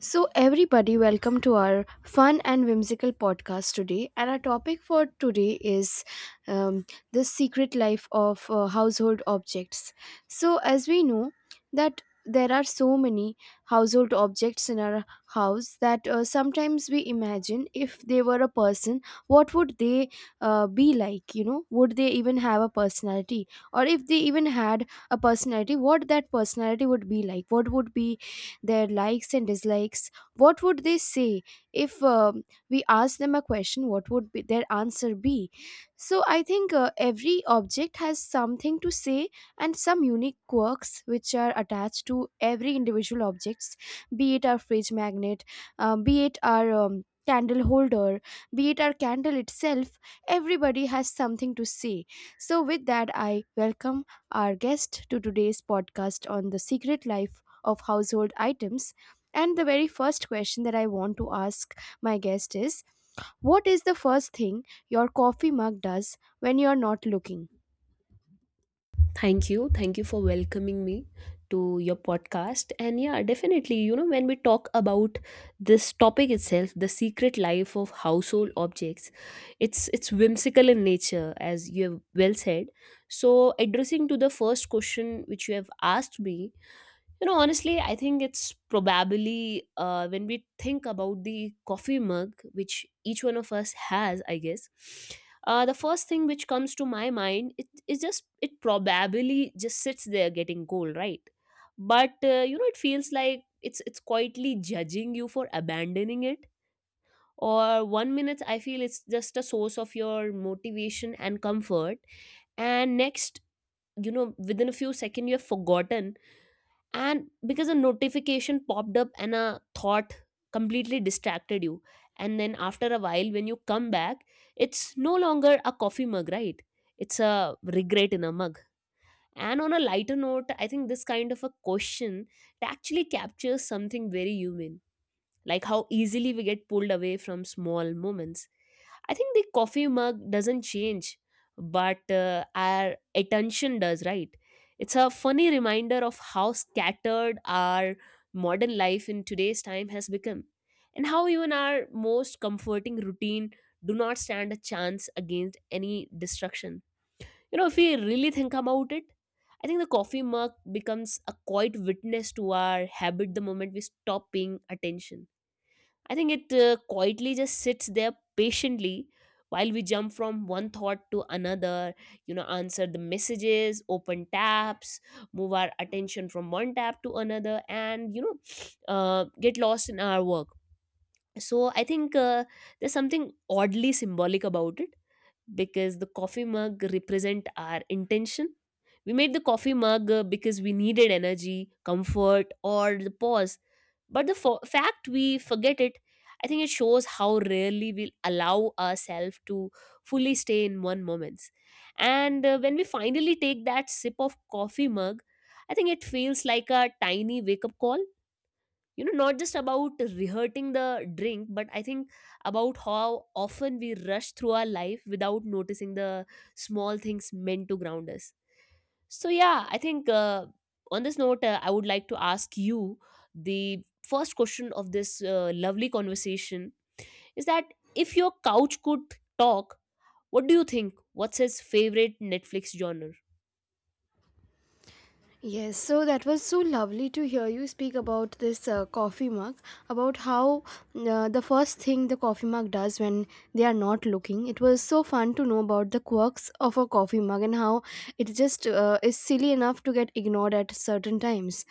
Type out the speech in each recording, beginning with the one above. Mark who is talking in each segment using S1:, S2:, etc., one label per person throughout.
S1: So, everybody, welcome to our fun and whimsical podcast today. And our topic for today is um, the secret life of household objects. So, as we know, that there are so many household objects in our house that sometimes we imagine if they were a person, what would they be like? You know, would they even have a personality? Or if they even had a personality, what that personality would be like? What would be their likes and dislikes, what would they say if we asked them a question, what would be their answer be? So I think every object has something to say, and some unique quirks which are attached to every individual objects, be it our fridge magnet, be it our candle holder, be it our candle itself, everybody has something to say. So with that I welcome our guest to today's podcast on the secret life of household items. And the very first question that I want to ask my guest is, what is the first thing your coffee mug does when you're not looking?
S2: Thank you. Thank you for welcoming me to your podcast. And yeah, definitely, when we talk about this topic itself, the secret life of household objects, it's whimsical in nature, as you have well said. So addressing to the first question which you have asked me, honestly, I think it's probably when we think about the coffee mug, which each one of us has, I guess. The first thing which comes to my mind, it is just it probably just sits there getting cold, right? But it feels like it's quietly judging you for abandoning it. Or one minute, I feel it's just a source of your motivation and comfort, and next, within a few seconds, you have forgotten, and because a notification popped up and a thought completely distracted you. And then after a while, when you come back, it's no longer a coffee mug, right? It's a regret in a mug. And on a lighter note, I think this kind of a question, it actually captures something very human, like how easily we get pulled away from small moments. I think the coffee mug doesn't change, but our attention does, right? It's a funny reminder of how scattered our modern life in today's time has become, and how even our most comforting routine do not stand a chance against any destruction. You know, if we really think about it, I think the coffee mug becomes a quiet witness to our habit the moment we stop paying attention. I think it quietly just sits there patiently, while we jump from one thought to another, you know, answer the messages, open tabs, move our attention from one tab to another, and, get lost in our work. So I think there's something oddly symbolic about it, because the coffee mug represent our intention. We made the coffee mug because we needed energy, comfort, or the pause, but the fact we forget it, I think it shows how rarely we allow ourselves to fully stay in one moment. And when we finally take that sip of coffee mug, I think it feels like a tiny wake up call. You know, not just about rehearsing the drink, but I think about how often we rush through our life without noticing the small things meant to ground us. So yeah, I think on this note, I would like to ask you the first question of this lovely conversation, is that if your couch could talk, what do you think? What's his favorite Netflix genre?
S1: Yes, so that was so lovely to hear you speak about this coffee mug, about how the first thing the coffee mug does when they are not looking. It was so fun to know about the quirks of a coffee mug and how it just is silly enough to get ignored at certain times.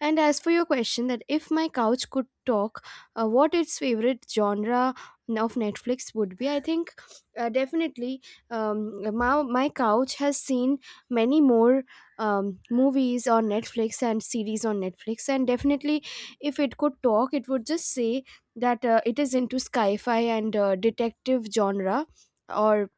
S1: And as for your question, that if my couch could talk, what its favorite genre of Netflix would be, I think definitely my couch has seen many more movies on Netflix and series on Netflix. And definitely, if it could talk, it would just say that it is into sci fi and detective genre, or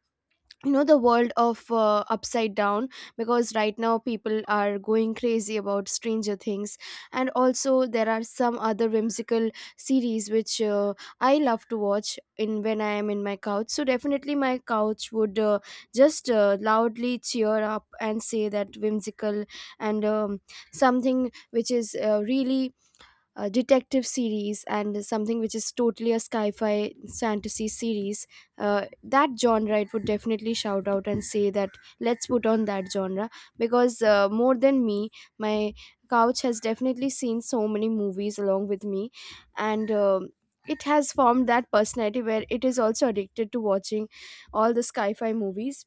S1: you know, the world of upside down, because right now people are going crazy about Stranger Things. And also there are some other whimsical series which I love to watch in when I am in my couch. So definitely my couch would just loudly cheer up and say that whimsical, and something which is really detective series, and something which is totally a sci-fi fantasy series, that genre, it would definitely shout out and say that let's put on that genre, because more than me, my couch has definitely seen so many movies along with me. And it has formed that personality where it is also addicted to watching all the sci-fi movies,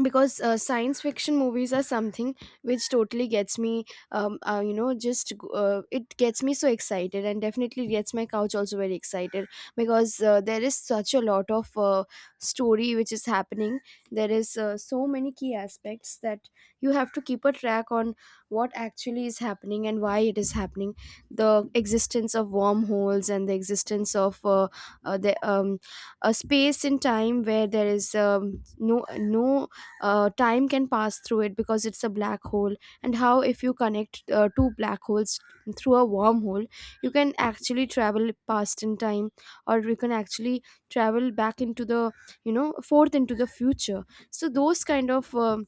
S1: because science fiction movies are something which totally gets me. You know, just it gets me so excited, and definitely gets my couch also very excited, because there is such a lot of story which is happening. There is so many key aspects that you have to keep a track on, what actually is happening and why it is happening, the existence of wormholes and the existence of the a space in time where there is no no time can pass through it because it's a black hole. And how, if you connect two black holes through a wormhole, you can actually travel past in time, or you can actually travel back into the, you know, forth into the future. So those kind of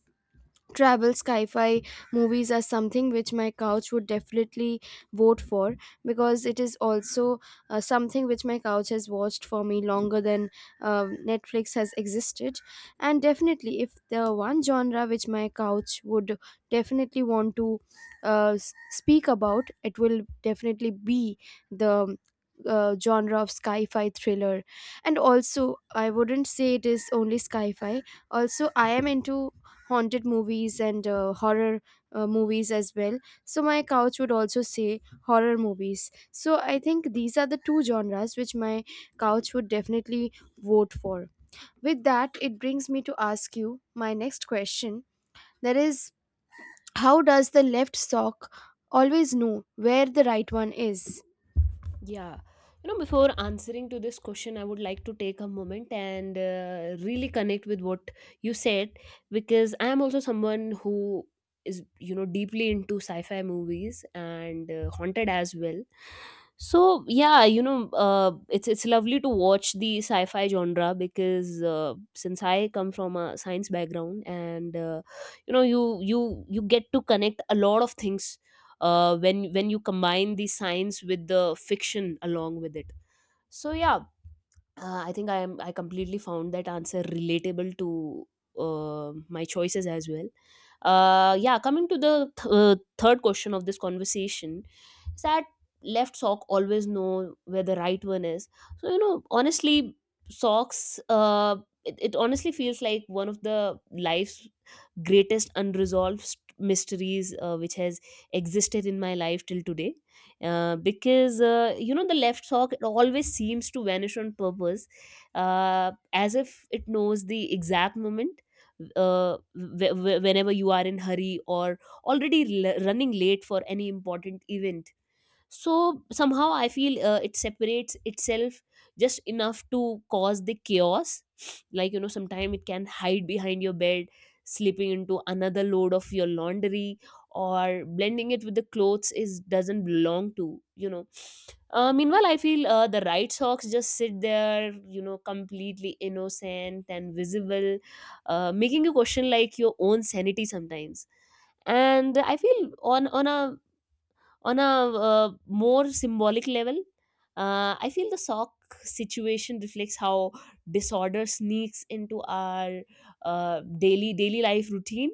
S1: travel sci-fi movies are something which my couch would definitely vote for, because it is also something which my couch has watched for me longer than Netflix has existed. And definitely, if the one genre which my couch would definitely want to uh, s- speak about, it will definitely be the genre of sci-fi thriller. And also, I wouldn't say it is only sci-fi, also I am into haunted movies and horror movies as well. So my couch would also say horror movies. So I think these are the two genres which my couch would definitely vote for. With that, it brings me to ask you my next question, that is, how does the left sock always know where the right one is?
S2: Yeah. You know, before answering to this question, I would like to take a moment and really connect with what you said, because I am also someone who is, deeply into sci fi movies and haunted as well. So, yeah, it's lovely to watch the sci fi genre, because since I come from a science background, and, you get to connect a lot of things when you combine the science with the fiction along with it. So yeah, I think I completely found that answer relatable to my choices as well. Yeah, coming to the third question of this conversation, is that left sock always know where the right one is. So honestly, socks. It honestly feels like one of the life's greatest unresolved mysteries, which has existed in my life till today, because you know, the left sock, it always seems to vanish on purpose, as if it knows the exact moment, whenever you are in hurry or already running late for any important event. So somehow I feel it separates itself just enough to cause the chaos. Like, you know, sometimes it can hide behind your bed, slipping into another load of your laundry, or blending it with the clothes is doesn't belong to, meanwhile I feel the right socks just sit there, you know, completely innocent and visible, making you question like your own sanity sometimes. And I feel on a more symbolic level, I feel the sock situation reflects how disorder sneaks into our daily life routine.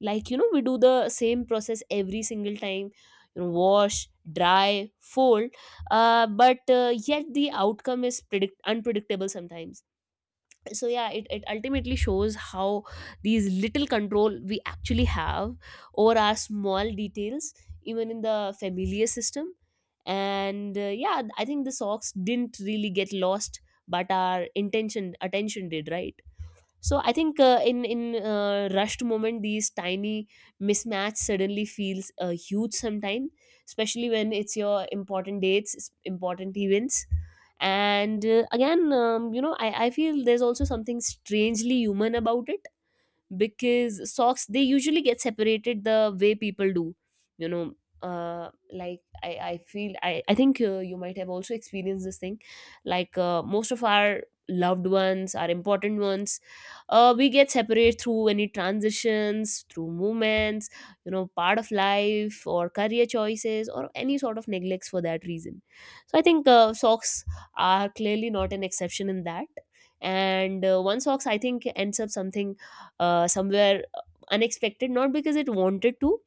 S2: Like, you know, we do the same process every single time. You know, wash, dry, fold, but yet the outcome is unpredictable sometimes. So yeah, it ultimately shows how these little control we actually have over our small details, even in the familiar system. And yeah, I think the socks didn't really get lost, but our intention attention did, right? So I think in rushed moment, these tiny mismatch suddenly feels huge sometime, especially when it's your important dates, important events. And again, you know, I feel there's also something strangely human about it, because socks, they usually get separated the way people do, you know. Like I feel I think, you might have also experienced this thing, like most of our loved ones, our important ones, we get separated through any transitions, through movements, you know, part of life or career choices or any sort of neglects for that reason. So I think socks are clearly not an exception in that. And one socks, I think, ends up something somewhere unexpected, not because it wanted to,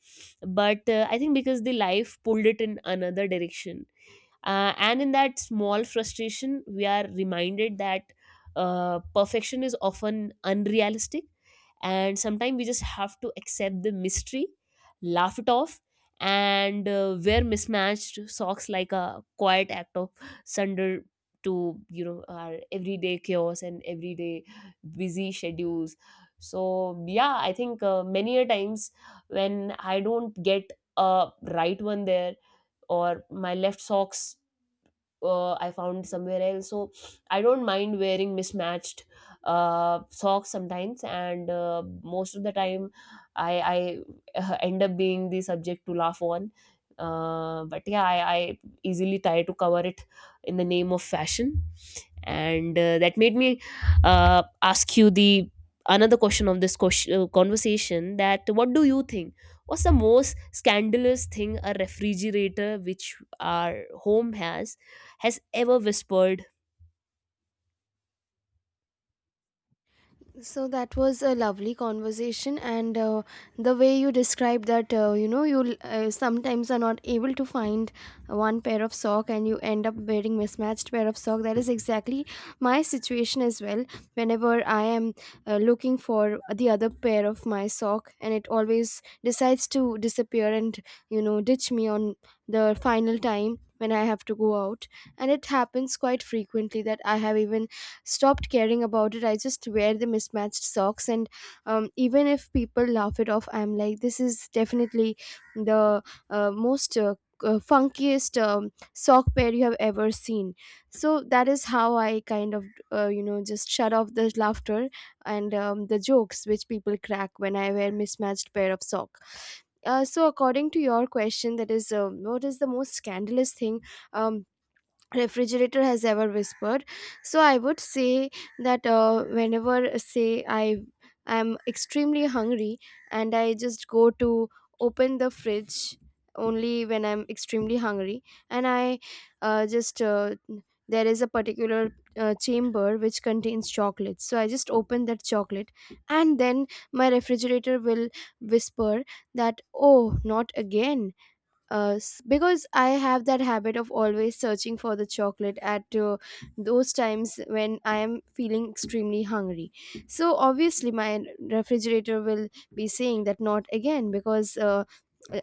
S2: but I think because the life pulled it in another direction. And in that small frustration we are reminded that perfection is often unrealistic, and sometimes we just have to accept the mystery, laugh it off, and wear mismatched socks like a quiet act of surrender to, you know, our everyday chaos and everyday busy schedules. So yeah, I think many a times when I don't get a right one there, or my left socks, I found somewhere else. So I don't mind wearing mismatched socks sometimes, and most of the time, I I end up being the subject to laugh on. But yeah, I easily try to cover it in the name of fashion. And that made me ask you the another question of this conversation, that what do you think, what's the most scandalous thing a refrigerator which our home has ever whispered?
S1: So that was a lovely conversation, and the way you described that, you know, you sometimes are not able to find one pair of sock, and you end up wearing mismatched pair of sock. That is exactly my situation as well. Whenever I am looking for the other pair of my sock, and it always decides to disappear and, you know, ditch me on the final time when I have to go out. And it happens quite frequently that I have even stopped caring about it. I just wear the mismatched socks. And even if people laugh it off, I'm like, this is definitely the most funkiest sock pair you have ever seen. So that is how I kind of you know, just shut off the laughter and the jokes which people crack when I wear mismatched pair of sock. So according to your question, that is, what is the most scandalous thing um, refrigerator has ever whispered. So I would say that whenever, say, I am extremely hungry and I just go to open the fridge, only when I'm extremely hungry. And I just there is a particular chamber which contains chocolate, so I just open that chocolate, and then my refrigerator will whisper that, oh, not again. Because I have that habit of always searching for the chocolate at those times when I am feeling extremely hungry. So obviously, my refrigerator will be saying that not again, because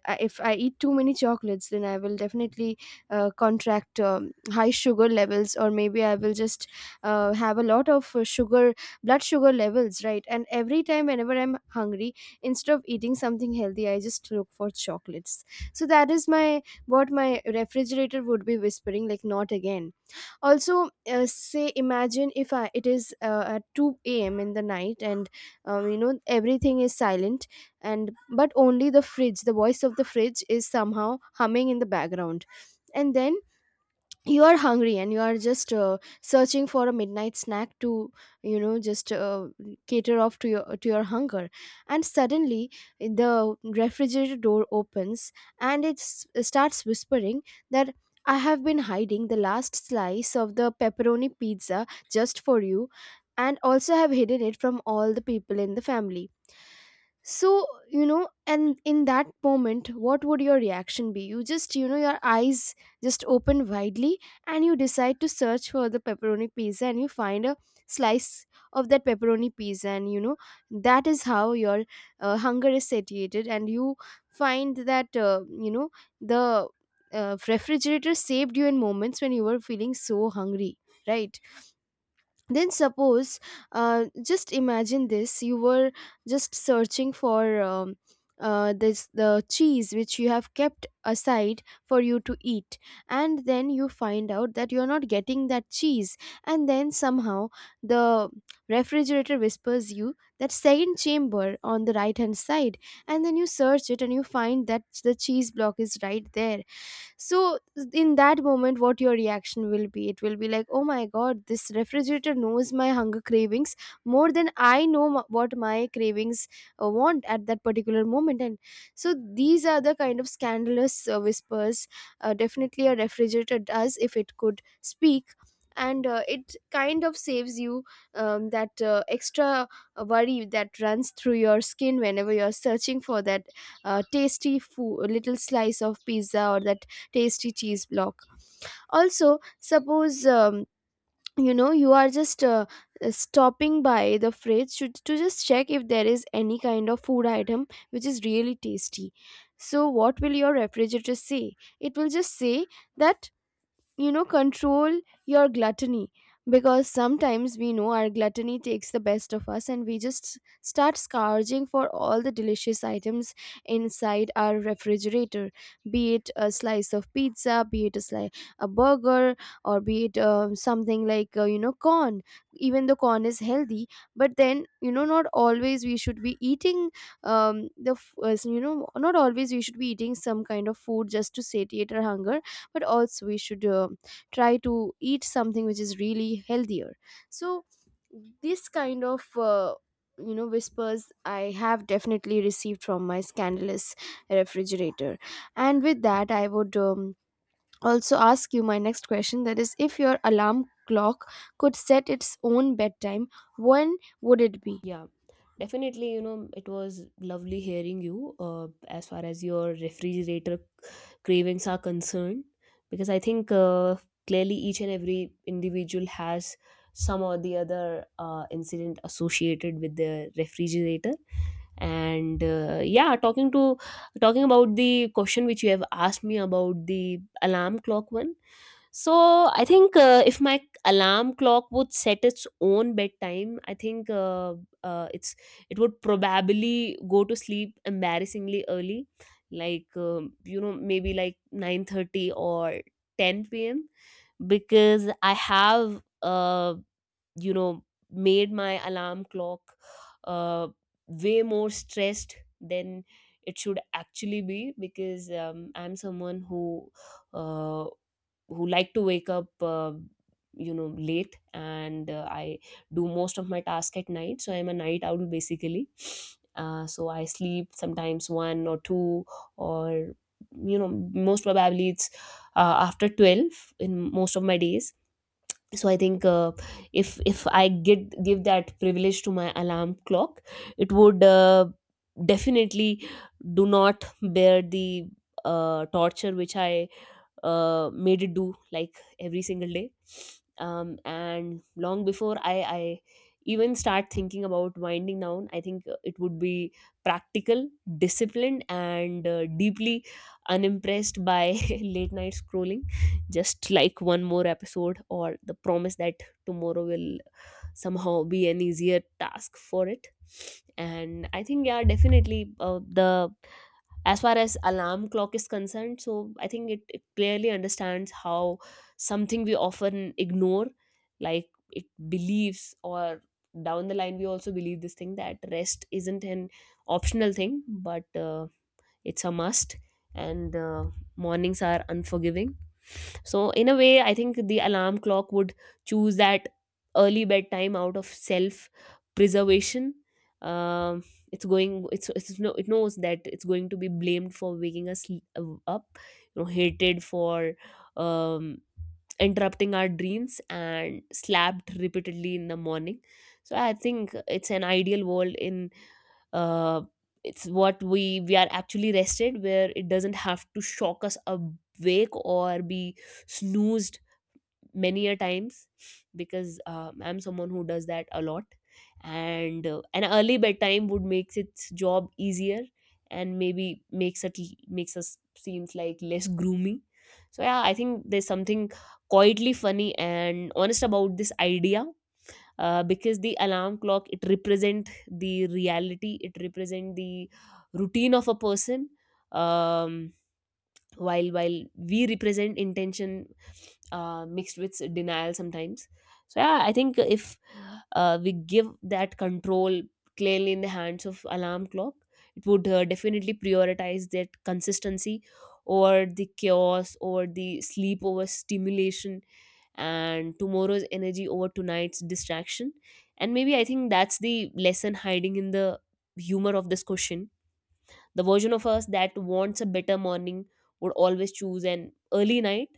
S1: I- if I eat too many chocolates, then I will definitely contract high sugar levels, or maybe I will just have a lot of sugar, blood sugar levels, right? And every time, whenever I'm hungry, instead of eating something healthy, I just look for chocolates. So that is my, what my refrigerator would be whispering, like not again. Also, say, imagine if I, it is at 2 a.m in the night, and you know, everything is silent, and but only the fridge, the voice of the fridge is somehow humming in the background. And then you are hungry, and you are just searching for a midnight snack to, you know, just cater off to your, to your hunger. And suddenly, the refrigerator door opens, and it starts whispering that, I have been hiding the last slice of the pepperoni pizza just for you, and also have hidden it from all the people in the family. So you know, and in that moment, what would your reaction be? You just, you know, your eyes just open widely, and you decide to search for the pepperoni pizza, and you find a slice of that pepperoni pizza. And you know, that is how your hunger is satiated, and you find that you know, the refrigerator saved you in moments when you were feeling so hungry, right? Then suppose, just imagine this, you were just searching for this, the cheese which you have kept aside for you to eat, and then you find out that you are not getting that cheese. And then somehow, the refrigerator whispers you that second chamber on the right hand side. And then you search it, and you find that the cheese block is right there. So in that moment, what your reaction will be, it will be like, oh my god, this refrigerator knows my hunger cravings more than I know, what my cravings want at that particular moment. And so these are the kind of scandalous whispers definitely a refrigerator does if it could speak. And it kind of saves you that extra worry that runs through your skin whenever you're searching for that tasty food, little slice of pizza, or that tasty cheese block. Also suppose, you know, you are just stopping by the fridge to just check if there is any kind of food item which is really tasty. So what will your refrigerator say? It will just say that, you know, control your gluttony, because sometimes we know our gluttony takes the best of us, and we just start scourging for all the delicious items inside our refrigerator, be it a slice of pizza, be it a slice, a burger, or be it something like you know, corn. Even the corn is healthy, but then you know, not always we should be eating you know, not always we should be eating some kind of food just to satiate our hunger, but also we should try to eat something which is really healthier. So this kind of you know, whispers I have definitely Received from my scandalous refrigerator. And with that I would also ask you my next question, that is, if your alarm clock could set its own bedtime, when would it be?
S2: Yeah, definitely. You know, it was lovely hearing you as far as your refrigerator cravings are concerned, because I think clearly each and every individual has some or the other incident associated with the refrigerator. And yeah, talking about the question which you have asked me about the alarm clock one. So I think if my alarm clock would set its own bedtime, I think uh, it's it would probably go to sleep embarrassingly early, like you know, maybe like 9:30 or 10 p.m, because I have, you know made my alarm clock uh, way more stressed than it should actually be, because I'm someone who uh, like to wake up, you know, late. And I do most of my task at night, so I'm a night owl basically. So I sleep sometimes one or two, or you know, most probably it's after 12 in most of my days. So I think if I get give that privilege to my alarm clock, it would definitely do not bear the torture which I made it do, like every single day. And long before I even start thinking about winding down, I think it would be practical, disciplined, and deeply unimpressed by late night scrolling, just like one more episode or the promise that tomorrow will somehow be an easier task for it. And I think, yeah, definitely the, as far as alarm clock is concerned, so I think it clearly understands how something we often ignore, like it believes, or down the line we also believe this thing that rest isn't an optional thing, but it's a must. And mornings are unforgiving. So in a way, I think the alarm clock would choose that early bedtime out of self preservation. um it's going it's no it knows that it's going to be blamed for waking us up, you know, hated for um interrupting our dreams and slapped repeatedly in the morning. So I think it's an ideal world, in uh, it's what we are actually rested, where it doesn't have to shock us awake or be snoozed many a times, because I'm someone who does that a lot. And an early bedtime would make its job easier and maybe makes us seems like less gloomy. So yeah, I think there's something quietly funny and honest about this idea, because the alarm clock, it represent the reality, it represent the routine of a person. um while we represent intention, mixed with denial sometimes. So yeah, I think if we give that control clearly in the hands of alarm clock, it would definitely prioritize that consistency over the chaos, over the sleep, over stimulation, and tomorrow's energy over tonight's distraction. And maybe I think that's the lesson hiding in the humor of this question. The version of us that wants a better morning would always choose an early night,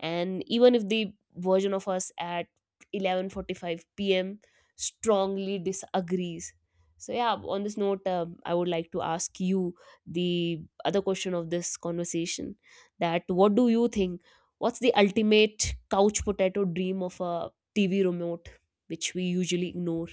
S2: and even if the version of us at 11:45 p.m. strongly disagrees. So yeah, on this note, I would like to ask you the other question of this conversation: that what do you think? What's the ultimate couch potato dream of a TV remote, which we usually ignore?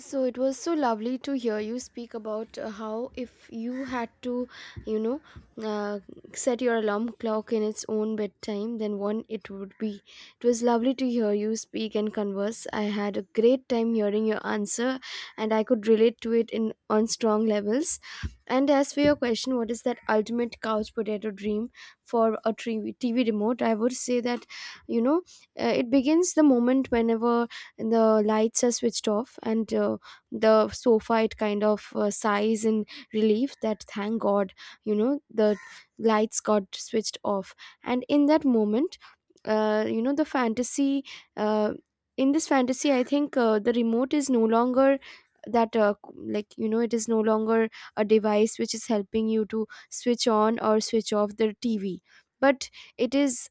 S1: So it was so lovely to hear you speak about how if you had to, you know, uh, set your alarm clock in its own bedtime, then one it would be. It was lovely to hear you speak and converse. I had a great time hearing your answer, and I could relate to it in on strong levels. And as for your question, what is that ultimate couch potato dream for a TV, remote? I would say that, you know, it begins the moment whenever and the lights are switched off, and the sofa, it kind of sighs in relief that thank god, you know, the lights got switched off. And in that moment, you know, the fantasy, uh, in this fantasy I think the remote is no longer that like, you know, it is no longer a device which is helping you to switch on or switch off the TV, but it is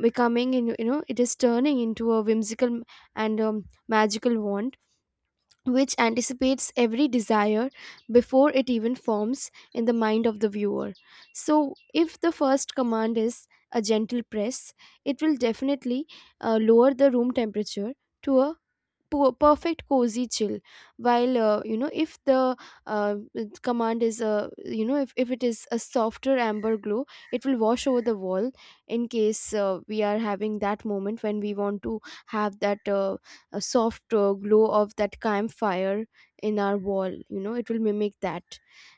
S1: becoming in, you know, it is turning into a whimsical and magical wand which anticipates every desire before it even forms in the mind of the viewer. So if the first command is a gentle press, it will definitely lower the room temperature to a perfect cozy chill, while you know, if the uh, command is a, you know, if it is a softer amber glow, it will wash over the wall in case we are having that moment when we want to have that a soft glow of that campfire in our wall, you know it will mimic that.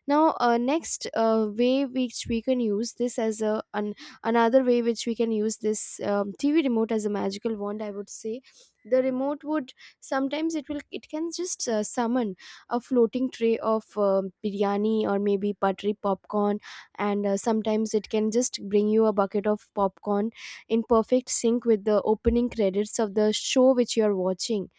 S1: Now next way which we can use this as another way which we can use this TV remote as a magical wand, I would say the remote would, sometimes it will, it can just summon a floating tray of biryani or maybe buttery popcorn, and sometimes it can just bring you a bucket of popcorn in perfect sync with the opening credits of the show which you are watching.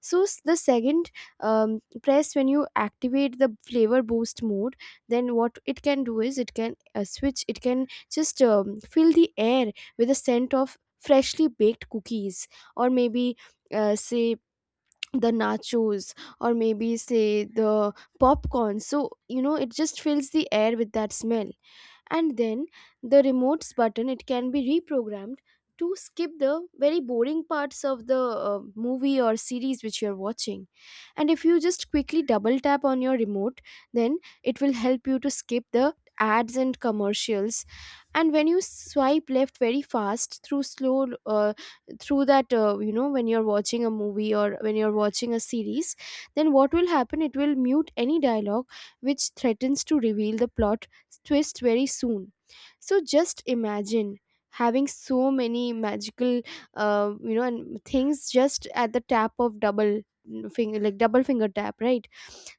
S1: So the second press, when you activate the flavor boost mode, then what it can do is it can just fill the air with the scent of freshly baked cookies, or maybe say the nachos, or maybe say the popcorn, so you know it just fills the air with that smell. And then the remotes button, it can be reprogrammed to skip the very boring parts of the movie or series which you're watching, and if you just quickly double tap on your remote, then it will help you to skip the ads and commercials. And when you swipe left very fast through slow through that you know, when you're watching a movie or when you're watching a series, then what will happen, it will mute any dialogue which threatens to reveal the plot twist very soon. So just imagine having so many magical, you know, and things just at the tap of double finger, like double finger tap, right?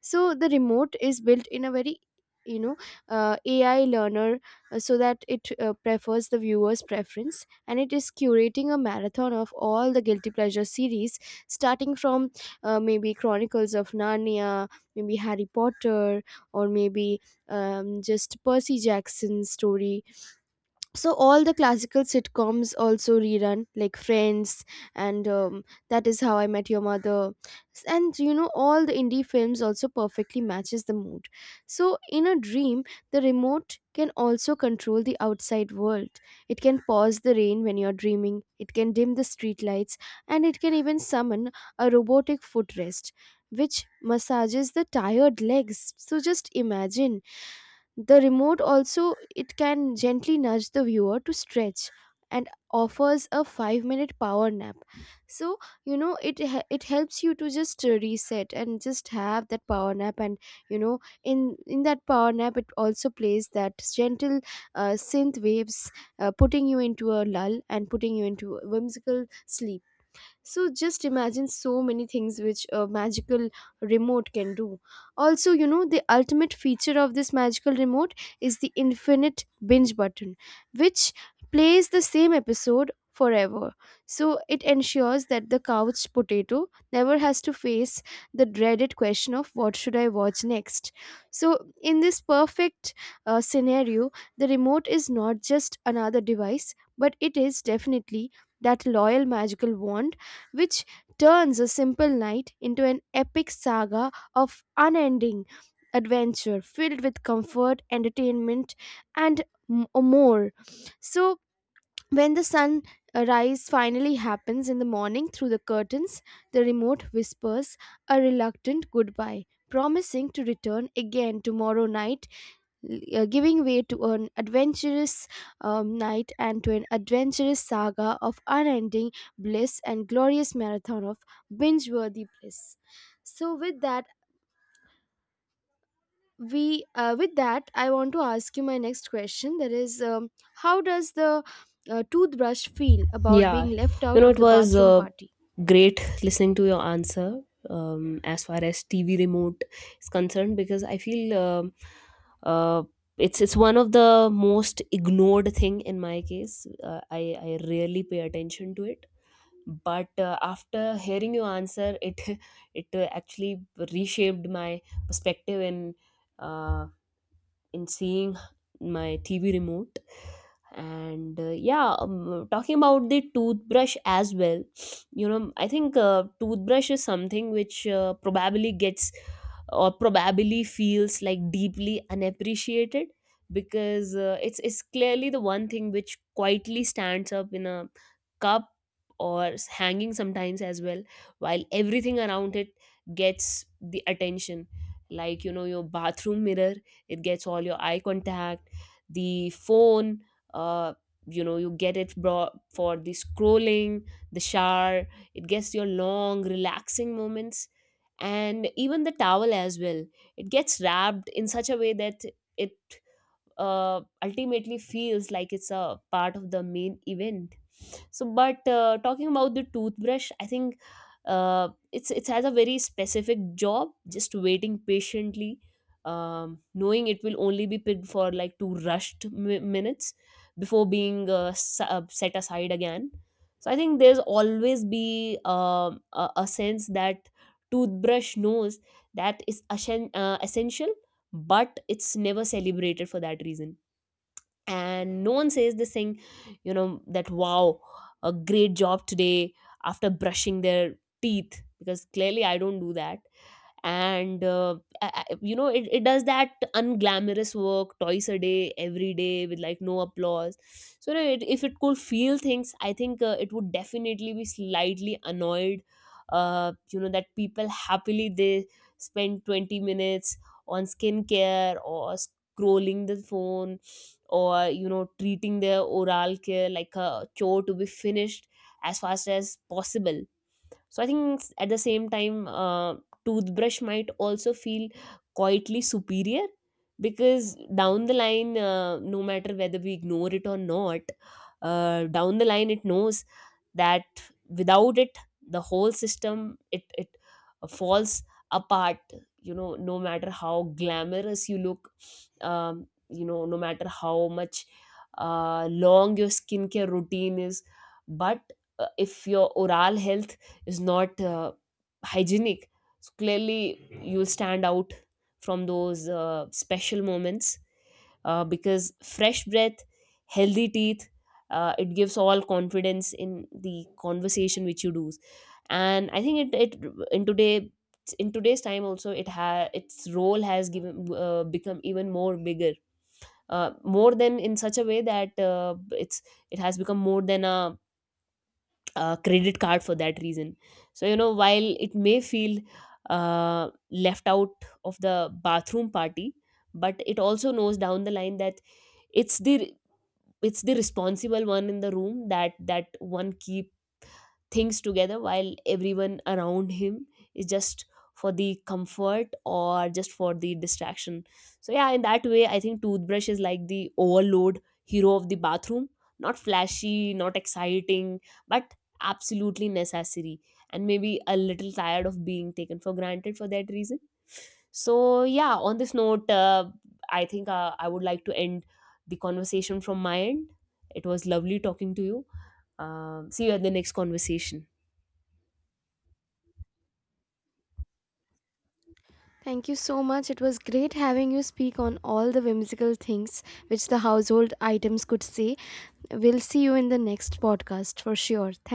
S1: So the remote is built in a very, you know, AI learner, so that it prefers the viewer's preference, and it is curating a marathon of all the guilty pleasure series, starting from maybe Chronicles of Narnia, maybe Harry Potter, or maybe just Percy Jackson's story. So all the classical sitcoms also rerun, like Friends, and That Is How I Met Your Mother, and you know all the indie films also perfectly matches the mood. So in a dream, the remote can also control the outside world. It can pause the rain when you're dreaming. It can dim the street lights, and it can even summon a robotic footrest, which massages the tired legs. So just imagine, the remote also, it can gently nudge the viewer to stretch and offers a 5-minute power nap. So, you know, it helps you to just reset and just have that power nap, and you know, in that power nap it also plays that gentle synth waves, putting you into a lull and putting you into whimsical sleep. So just imagine so many things which a magical remote can do. Also, you know, the ultimate feature of this magical remote is the infinite binge button, which plays the same episode forever. So it ensures that the couch potato never has to face the dreaded question of what should I watch next. So in this perfect scenario, the remote is not just another device, but it is definitely that loyal magical wand which turns a simple night into an epic saga of unending adventure filled with comfort, entertainment, and more. So, when the sun rise finally happens in the morning through the curtains, the remote whispers a reluctant goodbye, promising to return again tomorrow night, giving way to an adventurous night, and to an adventurous saga of unending bliss and glorious marathon of binge worthy bliss. So, with that, we with that I want to ask you my next question, that is, how does the toothbrush feel about
S2: Yeah,
S1: being left
S2: you
S1: out
S2: know,
S1: of
S2: it
S1: the
S2: was
S1: bathroom party?
S2: great listening to your answer as far as TV remote is concerned, because I feel uh, it's one of the most ignored thing in my case. I rarely pay attention to it, but after hearing your answer, it it actually reshaped my perspective and. Uh, in seeing my TV remote. And yeah, talking about the toothbrush as well, you know, I think toothbrush is something which probably gets or probably feels like deeply unappreciated, because it's clearly the one thing which quietly stands up in a cup, or hanging sometimes as well, while everything around it gets the attention. Like, you know, your bathroom mirror, it gets all your eye contact. The phone, uh, you know, you get it for the scrolling. The shower, it gets your long relaxing moments. And even the towel as well, it gets wrapped in such a way that it ultimately feels like it's a part of the main event. So, but talking about the toothbrush, I think it's it has a very specific job, just waiting patiently, knowing it will only be picked for like two rushed minutes before being set aside again. So I think there's always be a sense that toothbrush knows that it's essential, but it's never celebrated for that reason. And no one says this thing, you know, that wow, a great job today, after brushing their teeth, because clearly I don't do that. And you know, it does that unglamorous work twice a day every day with like no applause. So no, it, if it could feel things, I think it would definitely be slightly annoyed, you know, that people happily they spend 20 minutes on skincare or scrolling the phone, or you know, treating their oral care like a chore to be finished as fast as possible. So I think at the same time, toothbrush might also feel quietly superior, because down the line, no matter whether we ignore it or not, down the line it knows that without it the whole system, it falls apart. You know, no matter how glamorous you look, you know, no matter how much long your skincare routine is, but if your oral health is not hygienic, so clearly you'll stand out from those special moments, because fresh breath, healthy teeth, it gives all confidence in the conversation which you do. And I think it, it in today, in today's time also, it ha its role has given become even more bigger, more than in such a way that it's it has become more than a credit card for that reason. So, you know, while it may feel left out of the bathroom party, but it also knows down the line that it's the it's the responsible one in the room, that one keeps things together while everyone around him is just for the comfort or just for the distraction. So yeah, in that way, I think toothbrush is like the overload hero of the bathroom, not flashy, not exciting, but absolutely necessary, and maybe a little tired of being taken for granted for that reason. So yeah, on this note, I think I would like to end the conversation from my end. It was lovely talking to you. See you at the next conversation.
S1: Thank you so much. It was great having you speak on all the whimsical things which the household items could say. We'll see you in the next podcast for sure. Thank